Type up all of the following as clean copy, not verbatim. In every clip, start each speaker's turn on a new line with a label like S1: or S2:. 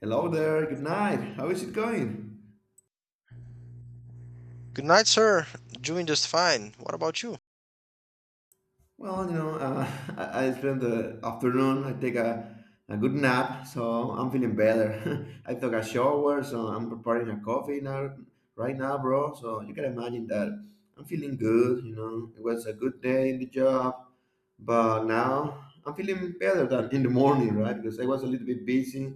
S1: Hello there, good night. How is it going?
S2: Good night, sir. Doing just fine. What about you?
S1: Well, I spent the afternoon, I take a good nap, so I'm feeling better. I took a shower, so I'm preparing a coffee now, right now, bro. So you can imagine that I'm feeling good. It was a good day in the job, but now I'm feeling better than in the morning, right? Because I was a little bit busy.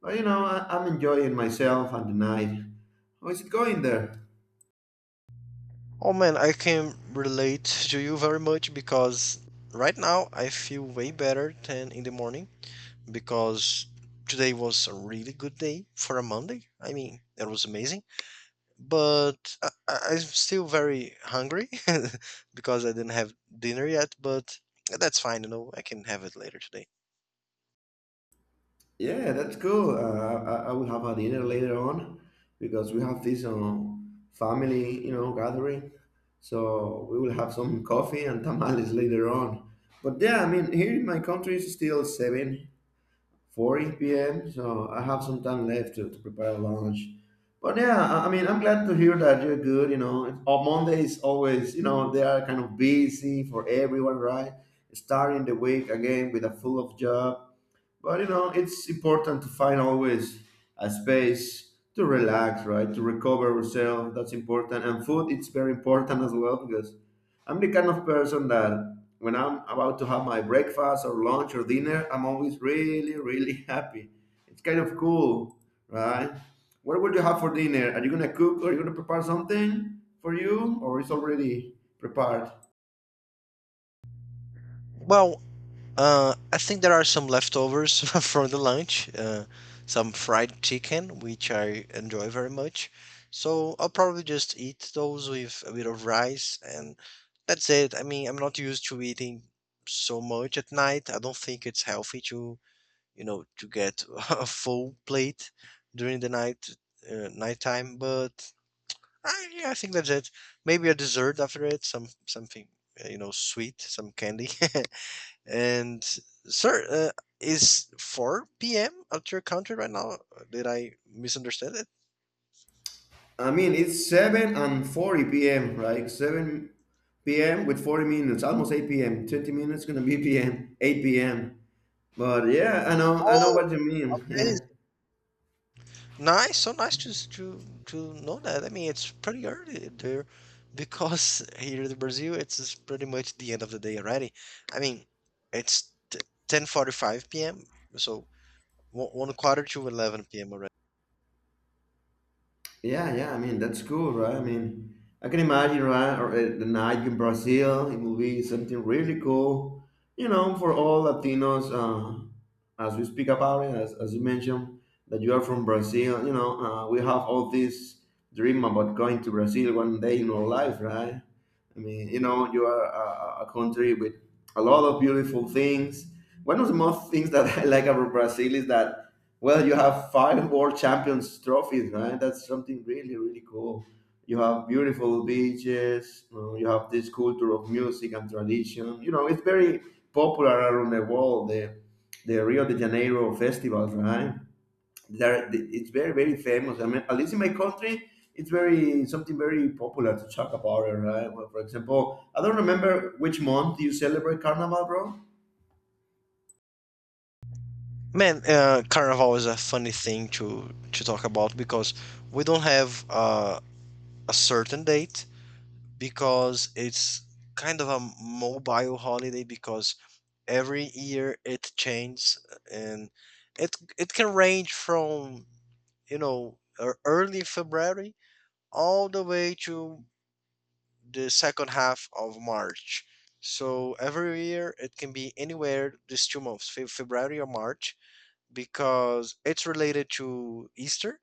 S1: But, I'm enjoying myself and the night. How is it going there?
S2: Oh man, I can relate to you very much because right now I feel way better than in the morning because today was a really good day for a Monday. I mean, it was amazing. But I'm still very hungry because I didn't have dinner yet, but that's fine, you know. I can have it later today.
S1: Yeah, that's cool. I will have a dinner later on because we have this family gathering. So we will have some coffee and tamales later on. But yeah, I mean, here in my country it's still 7:40 p.m. So I have some time left to prepare lunch. But yeah, I mean, I'm glad to hear that you're good. On Monday is always, they are kind of busy for everyone, right? Starting the week again with a full of job, but it's important to find always a space to relax, right? To recover yourself. That's important. And food, it's very important as well because I'm the kind of person that when I'm about to have my breakfast or lunch or dinner, I'm always really, really happy. It's kind of cool, right? What will you have for dinner? Are you gonna cook or are you gonna prepare something for you, or it's already prepared?
S2: Well, I think there are some leftovers from the lunch, some fried chicken, which I enjoy very much. So I'll probably just eat those with a bit of rice, and that's it. I mean, I'm not used to eating so much at night. I don't think it's healthy to, you know, to get a full plate during the night, nighttime. But yeah, I think that's it. Maybe a dessert after it, some something, you know, sweet, some candy. And sir, is 4 p.m. at your country right now? Did I misunderstand it?
S1: I mean, it's 7 and 40 p.m., right? 7 p.m. with 40 minutes, almost 8 p.m. 20 minutes gonna be p.m., 8 p.m. But yeah, I know
S2: Oh,
S1: what you
S2: that is
S1: mean.
S2: nice. So nice to to know that. I mean, it's pretty early there because here in Brazil, it's pretty much the end of the day already. I mean, it's 10:45 p.m. So one quarter to 11 p.m. already.
S1: Yeah, yeah, yeah. I mean, that's cool, right? I mean, I can imagine, right? Or the night in Brazil, it will be something really cool, for all Latinos. As we speak about it, as you mentioned, that you are from Brazil, we have all this dream about going to Brazil one day in our life, right? I mean, you are a country with a lot of beautiful things. One of the most things that I like about Brazil is that, well, you have five world champions trophies, right? That's something really, really cool. You have beautiful beaches. You have this culture of music and tradition. It's very popular around the world. The Rio de Janeiro festivals, right? There it's very very famous. I mean, at least in my country it's very something very popular to talk about it, right? Well, for example, I don't remember which month you celebrate Carnival, bro.
S2: Man, Carnival is a funny thing to talk about because we don't have a certain date. Because it's kind of a mobile holiday because every year it changes, and it can range from, you know, early February all the way to the second half of March. So every year it can be anywhere these 2 months, February or March, because it's related to Easter.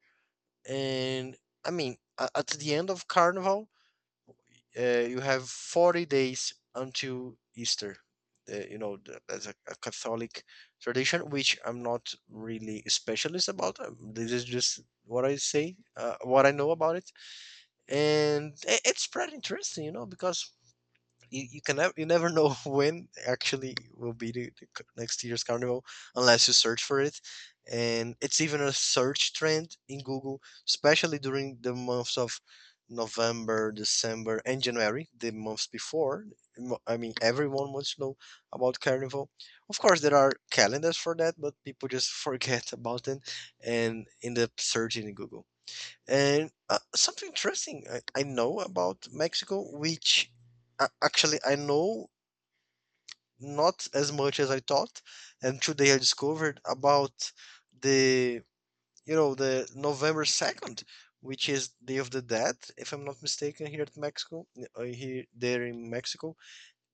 S2: And I mean, at the end of Carnival, you have 40 days until Easter. You know, as a Catholic tradition, which I'm not really a specialist about. This is just what I say, what I know about it, and it's pretty interesting, you know, because you can never you never know when actually will be the next year's carnival, unless you search for it. And it's even a search trend in Google, especially during the months of November, December, and January, the months before. I mean everyone wants to know about carnival. Of course there are calendars for that, but people just forget about them and end up searching in Google. And something interesting I know about Mexico, which, actually I know not as much as I thought, and today I discovered about the you know the November 2nd, which is Day of the Dead, if I'm not mistaken, here at Mexico, here there in Mexico.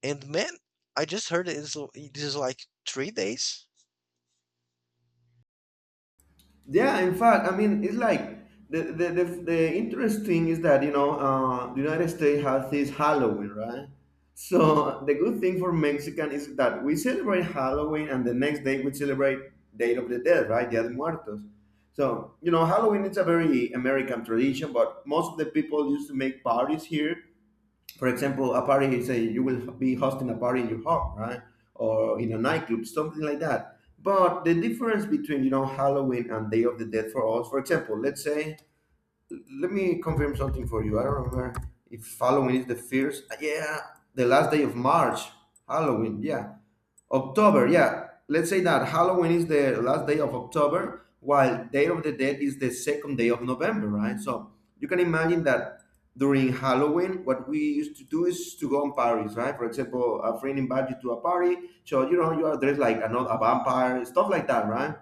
S2: And man, I just heard it is like 3 days.
S1: Yeah, in fact, I mean, it's like the interesting is that the United States has this Halloween, right? So the good thing for Mexican is that we celebrate Halloween, and the next day we celebrate Day of the Dead, right? Dia de Muertos. So Halloween is a very American tradition, but most of the people used to make parties here. For example, a party, say you will be hosting a party in your home, right? Or in a nightclub, something like that. But the difference between, Halloween and Day of the Dead for us, for example, let's say, let me confirm something for you. I don't remember if Halloween is the first. Yeah, the last day of March, Halloween. Yeah. October, yeah. Let's say that Halloween is the last day of October, while Day of the Dead is the second day of November, right? So you can imagine that during Halloween, what we used to do is to go on parties, right? For example, a friend invites you to a party, so you know you are dressed like another a vampire, stuff like that, right?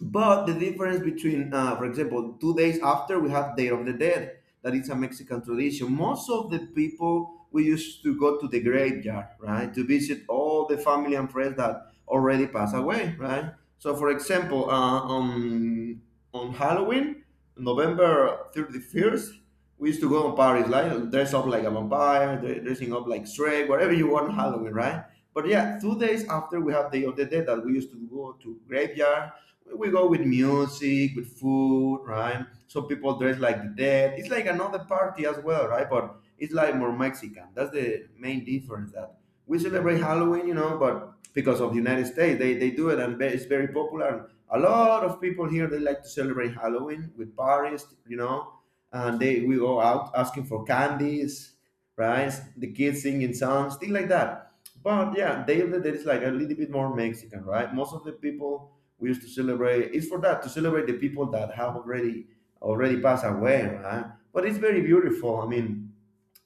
S1: But the difference between, for example, 2 days after we have Day of the Dead, that is a Mexican tradition. Most of the people we used to go to the graveyard, right, to visit all the family and friends that already passed away, right. So, for example, on Halloween, November 31st, we used to go on Paris, like dress up like a vampire, dressing up like Shrek, whatever you want on Halloween, right? But yeah, 2 days after we have Day of the Dead, that we used to go to graveyard. We go with music, with food, right? Some people dress like the dead. It's like another party as well, right? But it's like more Mexican. That's the main difference that we celebrate Halloween, but because of the United States, they do it and it's very popular. And a lot of people here, they like to celebrate Halloween with parties, and they we go out asking for candies, right? The kids singing songs, things like that. But yeah, they like a little bit more Mexican, right? Most of the people we used to celebrate. It's for that to celebrate the people that have already passed away, right? But it's very beautiful. I mean,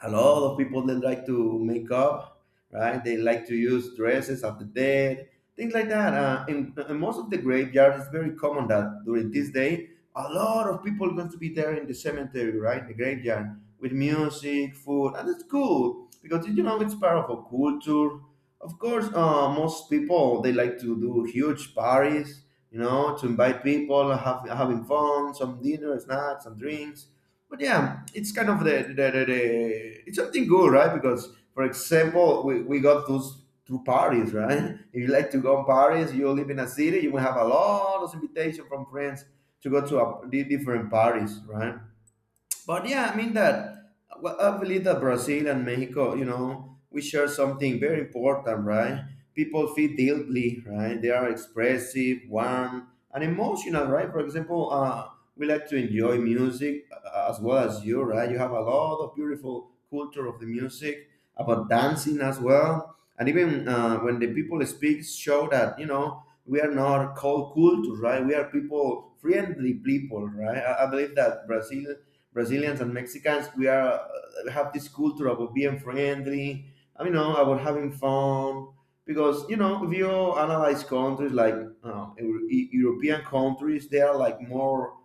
S1: a lot of people they like to make up, right? They like to use dresses of the dead, things like that. In most of the graveyards, it's very common that during this day, a lot of people going to be there in the cemetery, right? The graveyard with music, food, and it's cool because you know it's part of a culture. Of course, most people they like to do huge parties, to invite people, having fun, some dinner, snacks, and drinks. But yeah, it's kind of the it's something good, right? Because for example, we got those two parties, right? If you like to go on parties, you live in a city, you will have a lot of invitation from friends to go to different parties, right? But yeah, I mean that, well, I believe that Brazil and Mexico, we share something very important, right? People feel deeply, right? They are expressive, warm, and emotional, right? For example, we like to enjoy music as well as you, right? You have a lot of beautiful culture of the music about dancing as well, and even when the people speak, show that you know we are not cold culture, right? We are people friendly people, right? I believe that Brazilians and Mexicans, we are have this culture about being friendly. I mean, about having fun. Because if you analyze countries like European countries, they are like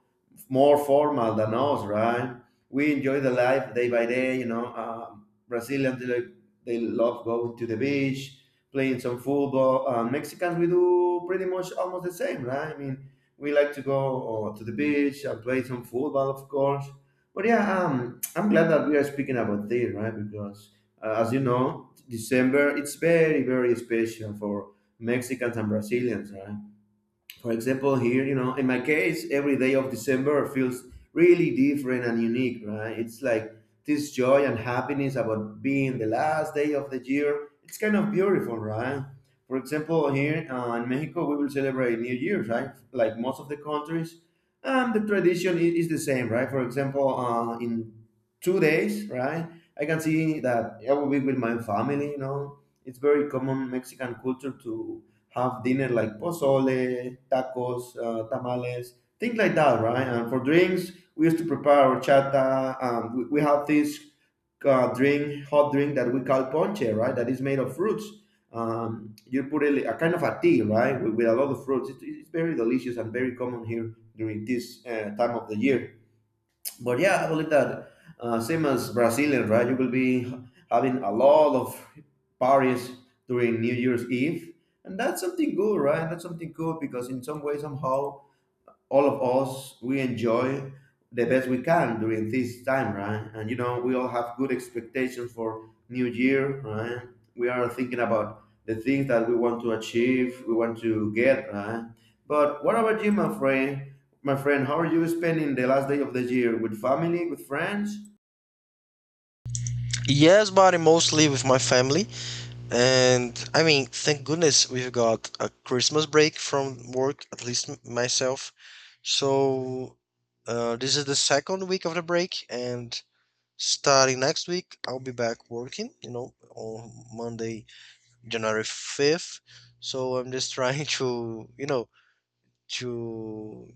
S1: more formal than us, right? We enjoy the life day by day. Brazilians they love going to the beach, playing some football. Mexicans we do pretty much almost the same, right? I mean, we like to go to the beach and play some football, of course. But yeah, I'm glad that we are speaking about this, right? Because as you know, December it's very very special for Mexicans and Brazilians, right? For example, here, in my case, every day of December feels really different and unique, right? It's like this joy and happiness about being the last day of the year. It's kind of beautiful, right? For example, here in Mexico, we will celebrate New Year's, right? Like most of the countries. And the tradition is the same, right? For example, in 2 days, right? I can see that I will be with my family. It's very common Mexican culture to have dinner like pozole, tacos, tamales, things like that, right? And for drinks, we used to prepare horchata. We have this hot drink that we call ponche, right? That is made of fruits. You put a kind of a tea, right, with a lot of fruits. It's very delicious and very common here during this time of the year. But yeah, I believe that same as Brazilian, right? You will be having a lot of parties during New Year's Eve, and that's something good, right? That's something good because in some way, somehow, all of us we enjoy the best we can during this time, right? And you know we all have good expectations for new year, right? We are thinking about the things that we want to achieve, we want to get, right? But what about you, my friend my friend, how are you spending the last day of the year, with family, with friends?
S2: Yes, but mostly with my family. And I mean, thank goodness we've got a Christmas break from work, at least myself. So this is the second week of the break, and starting next week, I'll be back working, you know, on Monday, January 5th. So I'm just trying to, you know, to,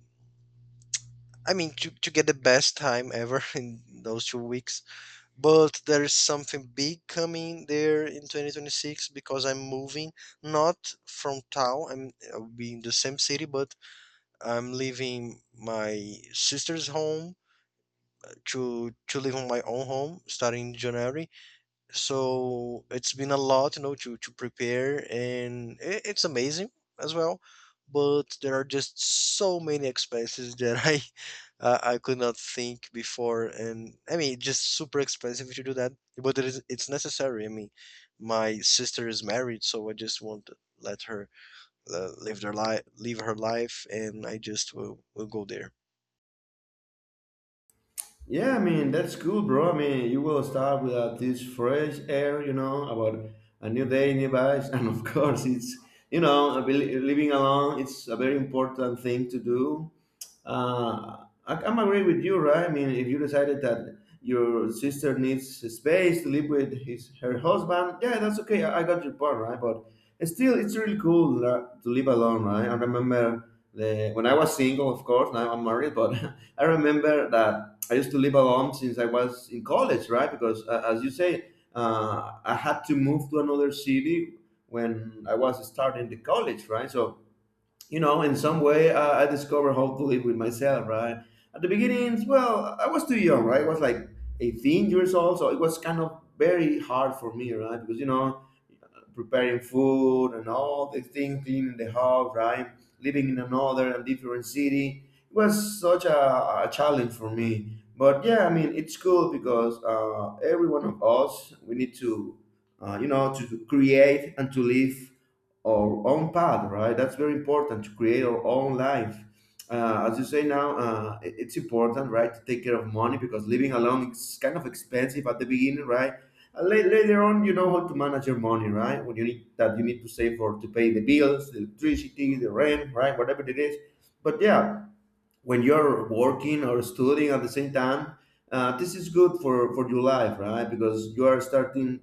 S2: I mean, to get the best time ever in those 2 weeks. But there is something big coming there in 2026 because I'm moving not from town. I'll be in the same city, but I'm leaving my sister's home to live on my own home starting in January. So it's been a lot, you know, to prepare, and I it's amazing as well. But there are just so many expenses that I I could not think before, and I mean it's just super expensive to do that. But it is, it's necessary. I mean, my sister is married, so I just won't let her, live her life, and I just will go there.
S1: Yeah, I mean that's cool, bro. I mean you will start with this fresh air, you know, about a new day, new vibes, and of course it's you know living alone. It's a very important thing to do. I'm agree with you, right? I mean, if you decided that your sister needs space to live with his her husband, yeah, that's okay. I got your point, right? But still, it's really cool to live alone, right? I remember when I was single, of course. Now I'm married, but I remember that I used to live alone since I was in college, right? Because as you say, I had to move to another city when I was starting the college, right? So you know, in some way, I discovered how to live with myself, right? At the beginnings, well, I was too young, right? I was like 18 years old, so it was kind of very hard for me, right? Because, you know, preparing food and all the things, cleaning the house, right? Living in another and different city. It was such a challenge for me. But yeah, I mean, it's cool because every one of us, we need to, you know, to create and to live our own path, right? That's very important to create our own life as you say now, it's important, right, to take care of money because living alone is kind of expensive at the beginning, right? And later on, you know how to manage your money, right? When you need that, you need to save for to pay the bills, the electricity, the rent, right, whatever it is. But yeah, when you're working or studying at the same time, this is good for your life, right? Because you are starting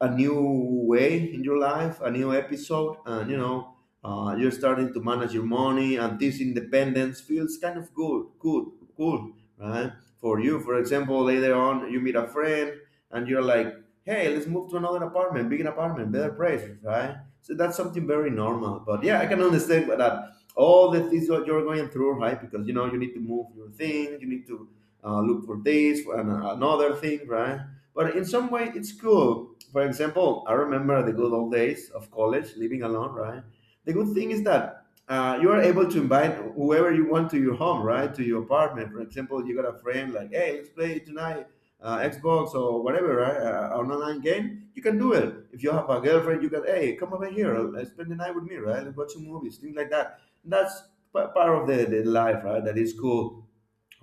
S1: a new way in your life, a new episode, and you know, you're starting to manage your money, and this independence feels kind of good, cool, right? For you, for example, later on you meet a friend, and you're like, "Hey, let's move to another apartment, bigger apartment, better price," right? So that's something very normal. But yeah, I can understand that all the things that you're going through, right? Because you know you need to move your thing, you need to look for this for another thing, right? But in some way, it's cool. For example, I remember the good old days of college, living alone, right? The good thing is that you are able to invite whoever you want to your home, right? To your apartment. For example, you got a friend like, hey, let's play tonight Xbox or whatever, right? An online game, you can do it. If you have a girlfriend, you can, hey, come over here, spend the night with me, right? Let's watch some movies, things like that. That's part of the life, right? That is cool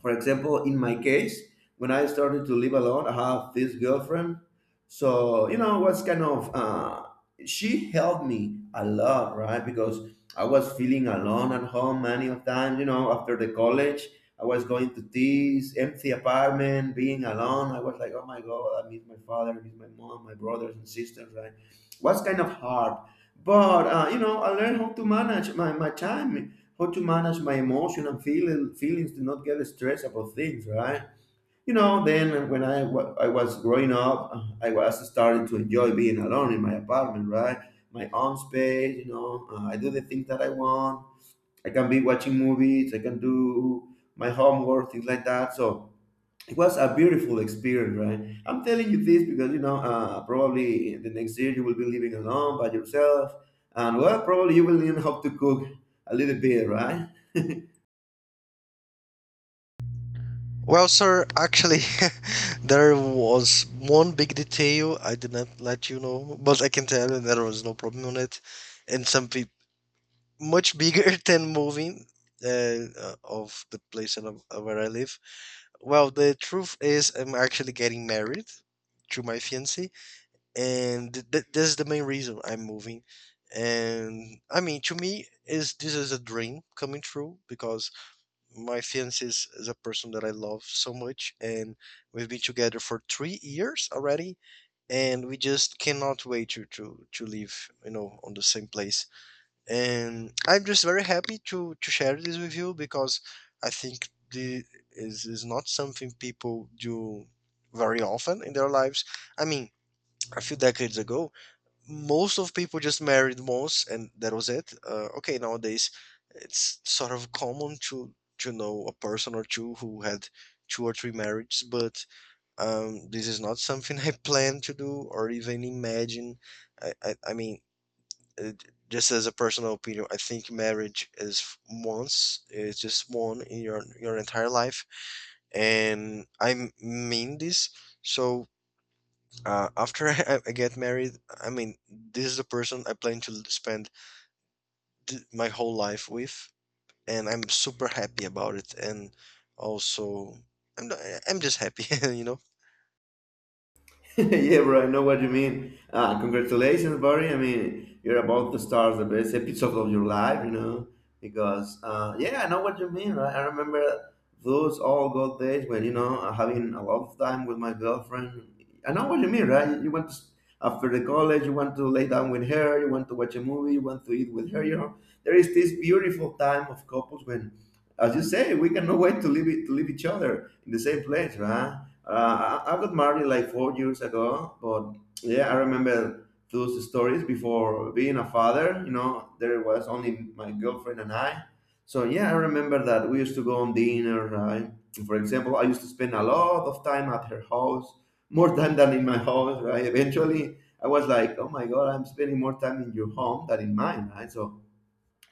S1: for example in my case when I started to live alone I have this girlfriend so you know was kind of she helped me a lot right because I was feeling alone at home many of times you know after the college I was going to this empty apartment being alone I was like oh my god I miss my father I miss my mom my brothers and sisters right was kind of hard but you know I learned how to manage my time how to manage my emotion and feelings to not get stressed about things, right? You know, then when I was growing up, I was starting to enjoy being alone in my apartment, right? My own space, you know, I do the things that I want. I can be watching movies, I can do my homework, things like that. So it was a beautiful experience, right? I'm telling you this because, you know, probably the next year you will be living alone by yourself. And well, probably you will learn how to cook a little bit, right?
S2: Well, sir, actually, there was one big detail I did not let you know, but I can tell you there was no problem on it, and some peop much bigger than moving of the place that where I live. Well, the truth is, I'm actually getting married to my fiancé, and th th this is the main reason I'm moving. And I mean, to me, is this is a dream coming true because my fiance is a person that I love so much, and we've been together for 3 years already, and we just cannot wait to live, you know, on the same place. And I'm just very happy to share this with you because I think this is not something people do very often in their lives. I mean, a few decades ago most of people just married once and that was it. Okay, nowadays it's sort of common to know a person or two who had two or three marriages, but this is not something I plan to do or even imagine. I mean, uh just as a personal opinion, I think marriage is once. It's just one in your entire life, and I mean this. So after I get married, I mean, this is the person I plan to spend my whole life with, and I'm super happy about it. And also, I'm not- eh, I'm just happy, you know.
S1: Yeah, bro, I know what you mean. Congratulations, buddy. I mean, you're about to start the best episode of your life, you know, because, yeah, I know what you mean. Right? I remember those all good days when, you know, having a lot of time with my girlfriend. I know what you mean, right? You went after the college, you want to lay down with her, you want to watch a movie, you want to eat with her, you know. There is this beautiful time of couples when as you say, we cannot wait to live it, to live each other in the same place, right? I got married like 4 years ago, but yeah, I remember those stories before being a father. You know, there was only my girlfriend and I. So yeah, I remember that we used to go on dinner, right? For example, I used to spend a lot of time at her house, more time than in my house, right? Eventually, I was like, oh my god, I'm spending more time in your home than in mine, right? So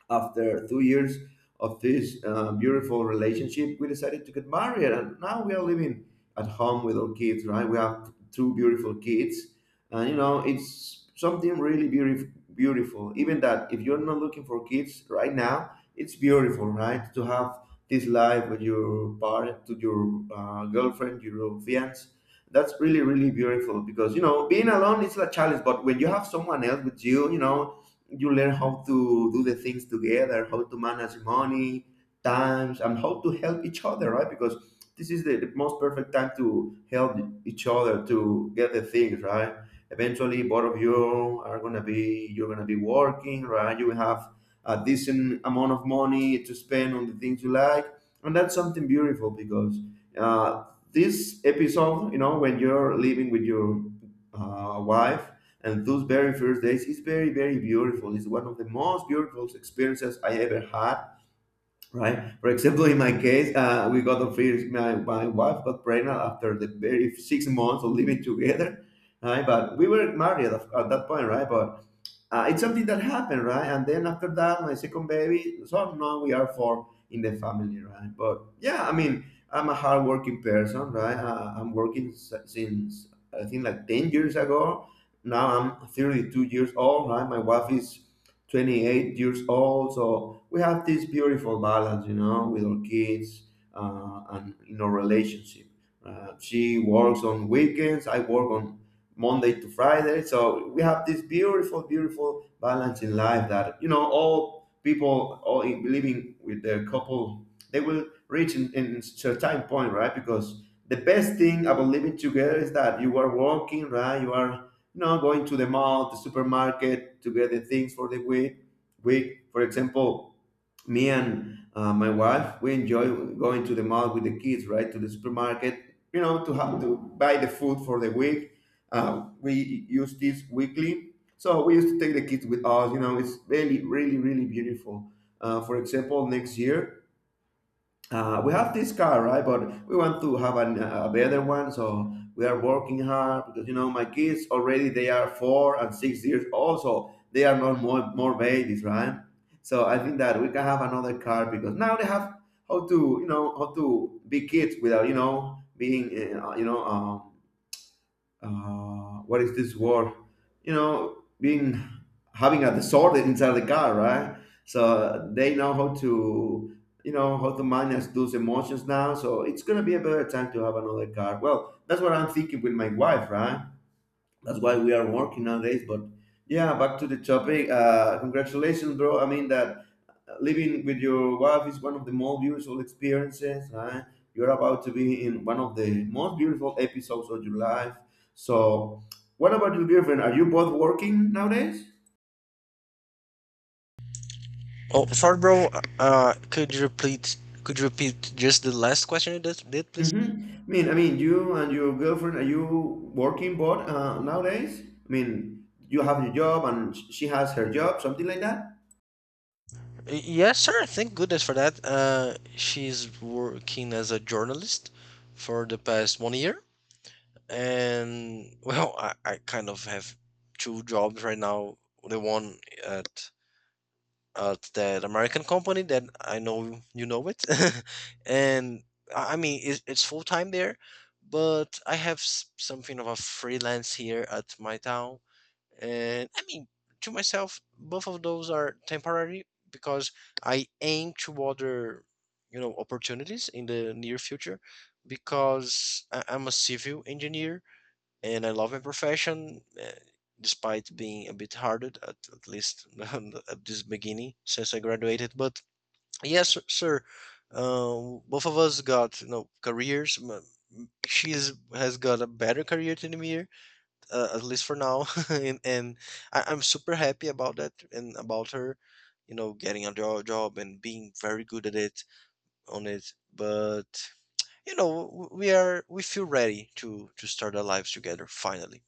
S1: after 2 years of this beautiful relationship, we decided to get married, and now we are living at home with our kids. Right, we have two beautiful kids, and you know it's something really beautiful. Beautiful, even that if you're not looking for kids right now, it's beautiful, right? To have this life with your partner, to your girlfriend, your fiance. That's really, really beautiful because you know being alone is a challenge, but when you have someone else with you, you know you learn how to do the things together, how to manage money, times, and how to help each other, right? Because this is the most perfect time to help each other to get the things right. Eventually, both of you are gonna be you're gonna be working, right? You will have a decent amount of money to spend on the things you like, and that's something beautiful because uh, this episode, you know, when you're living with your wife and those very first days is very, very beautiful. It's one of the most beautiful experiences I ever had, right? For example, in my case, we got a free, my wife got pregnant after the very 6 months of living together, right? But we were married at that point, right? But it's something that happened, right? And then after that, my second baby, so now we are four in the family, right? But yeah, I mean, I'm a hardworking person, right? I'm working since I think like 10 years ago. Now I'm 32 years old, right? My wife is 28 years old. So we have this beautiful balance, you know, with our kids and in our relationship. She works on weekends, I work on Monday to Friday. So we have this beautiful, beautiful balance in life that you know all people living with their couple they will reach in certain point, right? Because the best thing about living together is that you are working, right? You are you know going to the mall, the supermarket to get the things for the week. Week, for example, me and my wife we enjoy going to the mall with the kids right to the supermarket you know to have to buy the food for the week we use this weekly so we used to take the kids with us you know it's really really really beautiful for example next year we have this car, right? But we want to have a better one, so we are working hard because you know my kids already they are 4 and 6 years old, so they are not more babies, right? So I think that we can have another car because now they have how to you know how to be kids without you know being uh, you know um, what is this word? You know, being having a disorder inside the car, right? So they know how to, you know, how to manage those emotions now. So it's gonna be a better time to have another car. Well, that's what I'm thinking with my wife, right? That's why we are working nowadays. But yeah, back to the topic. Congratulations, bro. I mean that living with your wife is one of the most beautiful experiences, right? You're about to be in one of the most beautiful episodes of your life. So, what about your girlfriend? Are you both working nowadays?
S2: Oh, sorry, bro. Could you repeat? Could you repeat just the last question you did, please?
S1: Mm-hmm. I mean, you and your girlfriend, are you working both nowadays? I mean, you have your job and she has her job, something like that.
S2: Yes, sir. Thank goodness for that. She's working as a journalist for the past 1 year. And well, I kind of have two jobs right now. The one at at that American company that I know you know it, and I mean it's full time there, but I have something of a freelance here at my town, and I mean to myself, both of those are temporary because I aim to other, you know, opportunities in the near future, because I'm a civil engineer and I love my profession, despite being a bit harder at least at this beginning since I graduated. But yes, sir, both of us got, you know, careers. She's has got a better career than me, at least for now, and I'm super happy about that and about her, you know, getting a job and being very good at it on it. But you know, we are we feel ready to start our lives together finally.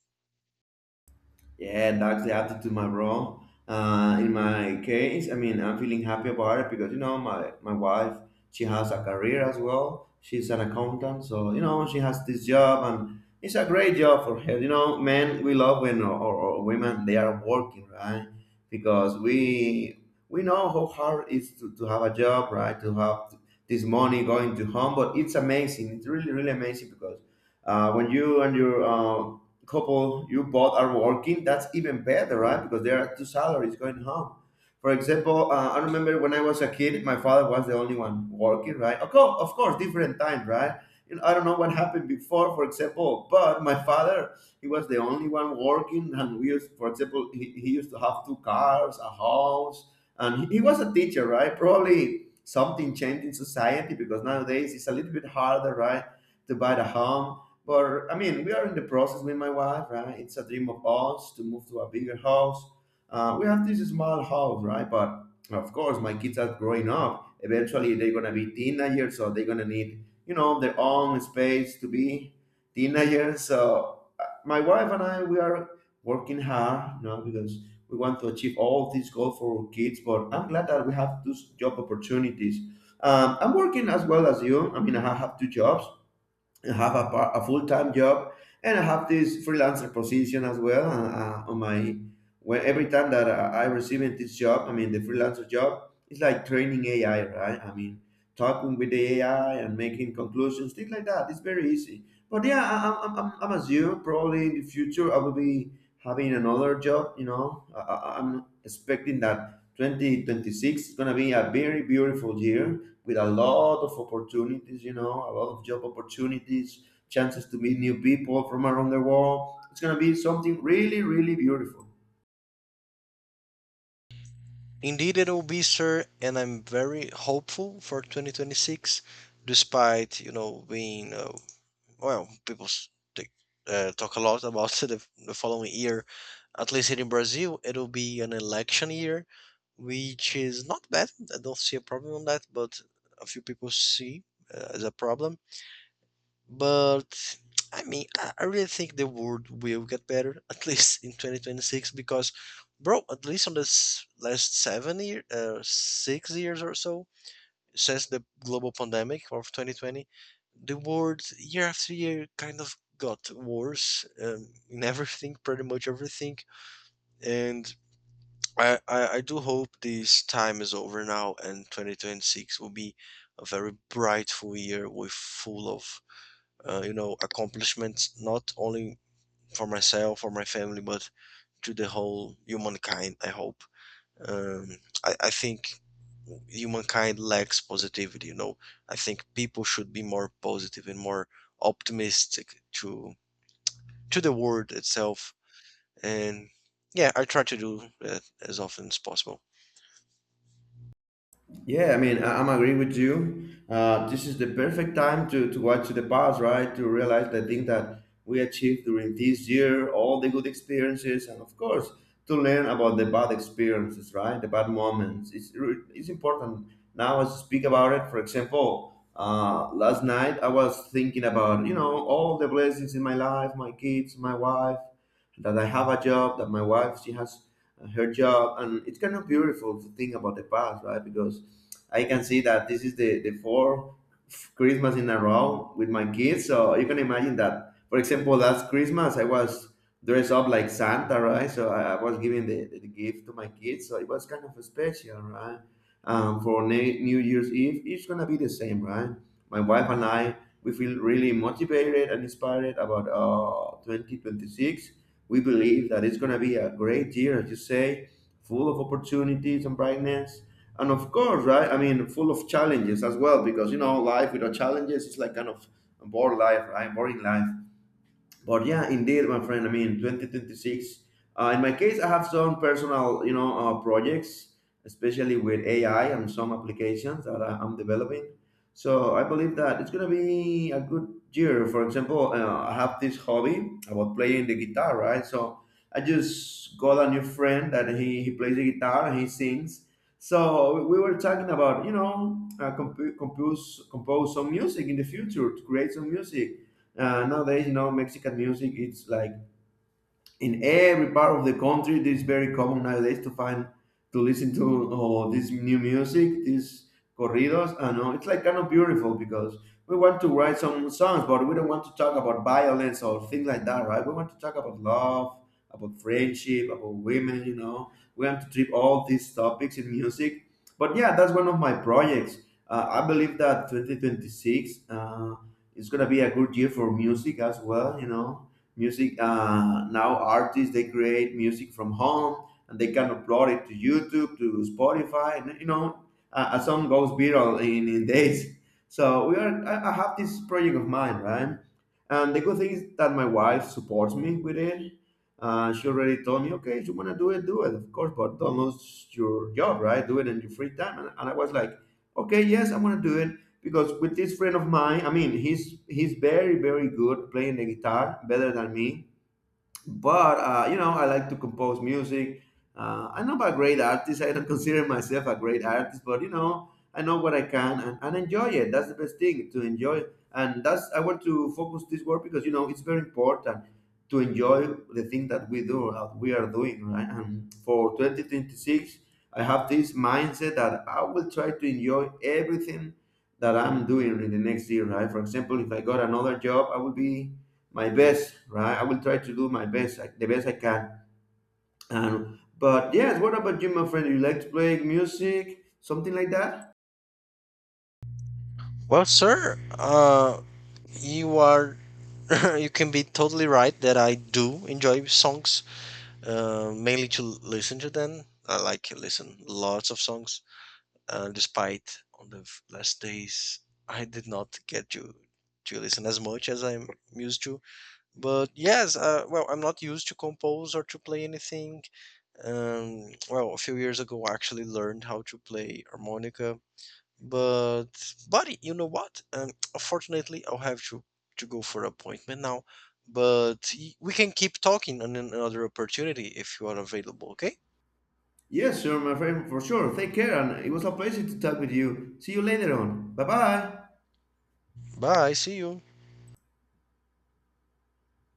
S1: Yeah, that's the attitude, my bro. In my case, I mean, I'm feeling happy about it because you know my wife, she has a career as well. She's an accountant, so you know she has this job, and it's a great job for her. You know, men we love when or women they are working, right? Because we know how hard it is to have a job, right? To have this money going to home, but it's amazing. It's really really amazing because when you and your couple you both are working, that's even better, right? Because there are two salaries going home. For example, I remember when I was a kid, my father was the only one working, right? Of course different time, right? You know, I don't know what happened before, for example, but my father, he was the only one working, and we used, for example, he used to have two cars, a house, and he was a teacher, right? Probably something changed in society because nowadays it's a little bit harder, right, to buy the home, but I mean, we are in the process with my wife, right? It's a dream of ours to move to a bigger house. We have this small house, right? But of course, my kids are growing up. Eventually, they're gonna be teenagers, so they're gonna need, you know, their own space to be teenagers. So my wife and I, we are working hard, you know, because we want to achieve all these goals for our kids. But I'm glad that we have those job opportunities. I'm working as well as you. I mean, I have two jobs, have a, a full-time job, and I have this freelancer position as well, on my, when every time that I receive this job, I mean the freelancer job, it's like training AI, right? I mean talking with the AI and making conclusions, things like that, it's very easy. But yeah, I'm as you, probably in the future I will be having another job, you know. I'm expecting that 2026 is going to be a very beautiful year with a lot of opportunities, you know, a lot of job opportunities, chances to meet new people from around the world. It's going to be something really, really beautiful.
S2: Indeed, it will be, sir, and I'm very hopeful for 2026, despite, you know, being well, they, talk a lot about the following year. At least here in Brazil, it'll be an election year, which is not bad. I don't see a problem on that, but a few people see as a problem. But I mean, I really think the world will get better, at least in 2026, because, bro, at least on this last 7 year, 6 years or so since the global pandemic of 2020, the world year after year kind of got worse in everything, pretty much everything, and I do hope this time is over now and 2026 will be a very brightful year with full of, you know, accomplishments, not only for myself, for my family, but to the whole humankind I hope. um, I think humankind lacks positivity, you know. I think people should be more positive and more optimistic to the world itself. And yeah, I try to do that as often as possible.
S1: Yeah, I mean, I'm agree with you. This is the perfect time to watch the past, right? To realize the thing that we achieved during this year, all the good experiences, and of course, to learn about the bad experiences, right? The bad moments. It's important. Now, as I speak about it, for example, last night I was thinking about, you know, all the blessings in my life, my kids, my wife, that I have a job, that my wife, she has her job. And it's kind of beautiful to think about the past, right? Because I can see that this is the fourth Christmas in a row with my kids. So you can imagine that, for example, last Christmas I was dressed up like Santa, right? So I was giving the gift to my kids. So it was kind of special, right? For New Year's Eve, it's gonna be the same, right? My wife and I, we feel really motivated and inspired about 2026. We believe that it's gonna be a great year, as you say, full of opportunities and brightness, and of course, right? I mean, full of challenges as well, because you know, life without challenges is like kind of a boring life, right? Boring life. But yeah, indeed, my friend. I mean, 2026. In my case, I have some personal, you know, projects, especially with AI and some applications that I'm developing. So I believe that it's gonna be a good year. For example, I have this hobby about playing the guitar, right? So I just got a new friend that he plays the guitar and he sings. So we were talking about, you know, uh, comp- compose compose some music in the future, to create some music. Uh, nowadays, you know, Mexican music, it's like in every part of the country it is very common nowadays to find, to listen to, oh, this new music, these corridos, I know, it's like kind of beautiful because we want to write some songs but we don't want to talk about violence or things like that, right? We want to talk about love, about friendship, about women, you know, we want to treat all these topics in music. But yeah, that's one of my projects. I believe that 2026, it's gonna be a good year for music as well, you know. Music, now artists they create music from home and they can upload it to YouTube, to Spotify, and you know, a song goes viral in days. So we are, I have this project of mine, right? And the good thing is that my wife supports me with it. She already told me, okay, if you want to do it, do it, of course, but don't lose your job, right? Do it in your free time. And I was like, okay, yes, I'm going to do it. Because with this friend of mine, I mean, he's very very good playing the guitar, better than me. But you know, I like to compose music. Uh, I'm not a great artist, I don't consider myself a great artist, but you know, I know what I can and enjoy it. That's the best thing, to enjoy. And that's, I want to focus this work, because you know, it's very important to enjoy the thing that we do, that we are doing, right? And for 2026, I have this mindset that I will try to enjoy everything that I'm doing in the next year, right? For example, if I got another job, I will be my best, right? I will try to do my best, like, the best I can. And but yes, what about you, my friend? You like to play music, something like that?
S2: Well, sir, you are you can be totally right that I do enjoy songs, mainly to listen to them. I like listen lots of songs. Despite on the last days, I did not get to listen as much as I'm used to. But yes, well, I'm not used to compose or to play anything. Well, a few years ago, I actually learned how to play harmonica. But buddy, you know what? Unfortunately, I'll have to go for appointment now. But we can keep talking on another opportunity if you are available. Okay.
S1: Yes, sure, my friend, for sure. Take care, and it was a pleasure to talk with you. See you later on. Bye bye.
S2: Bye. See you.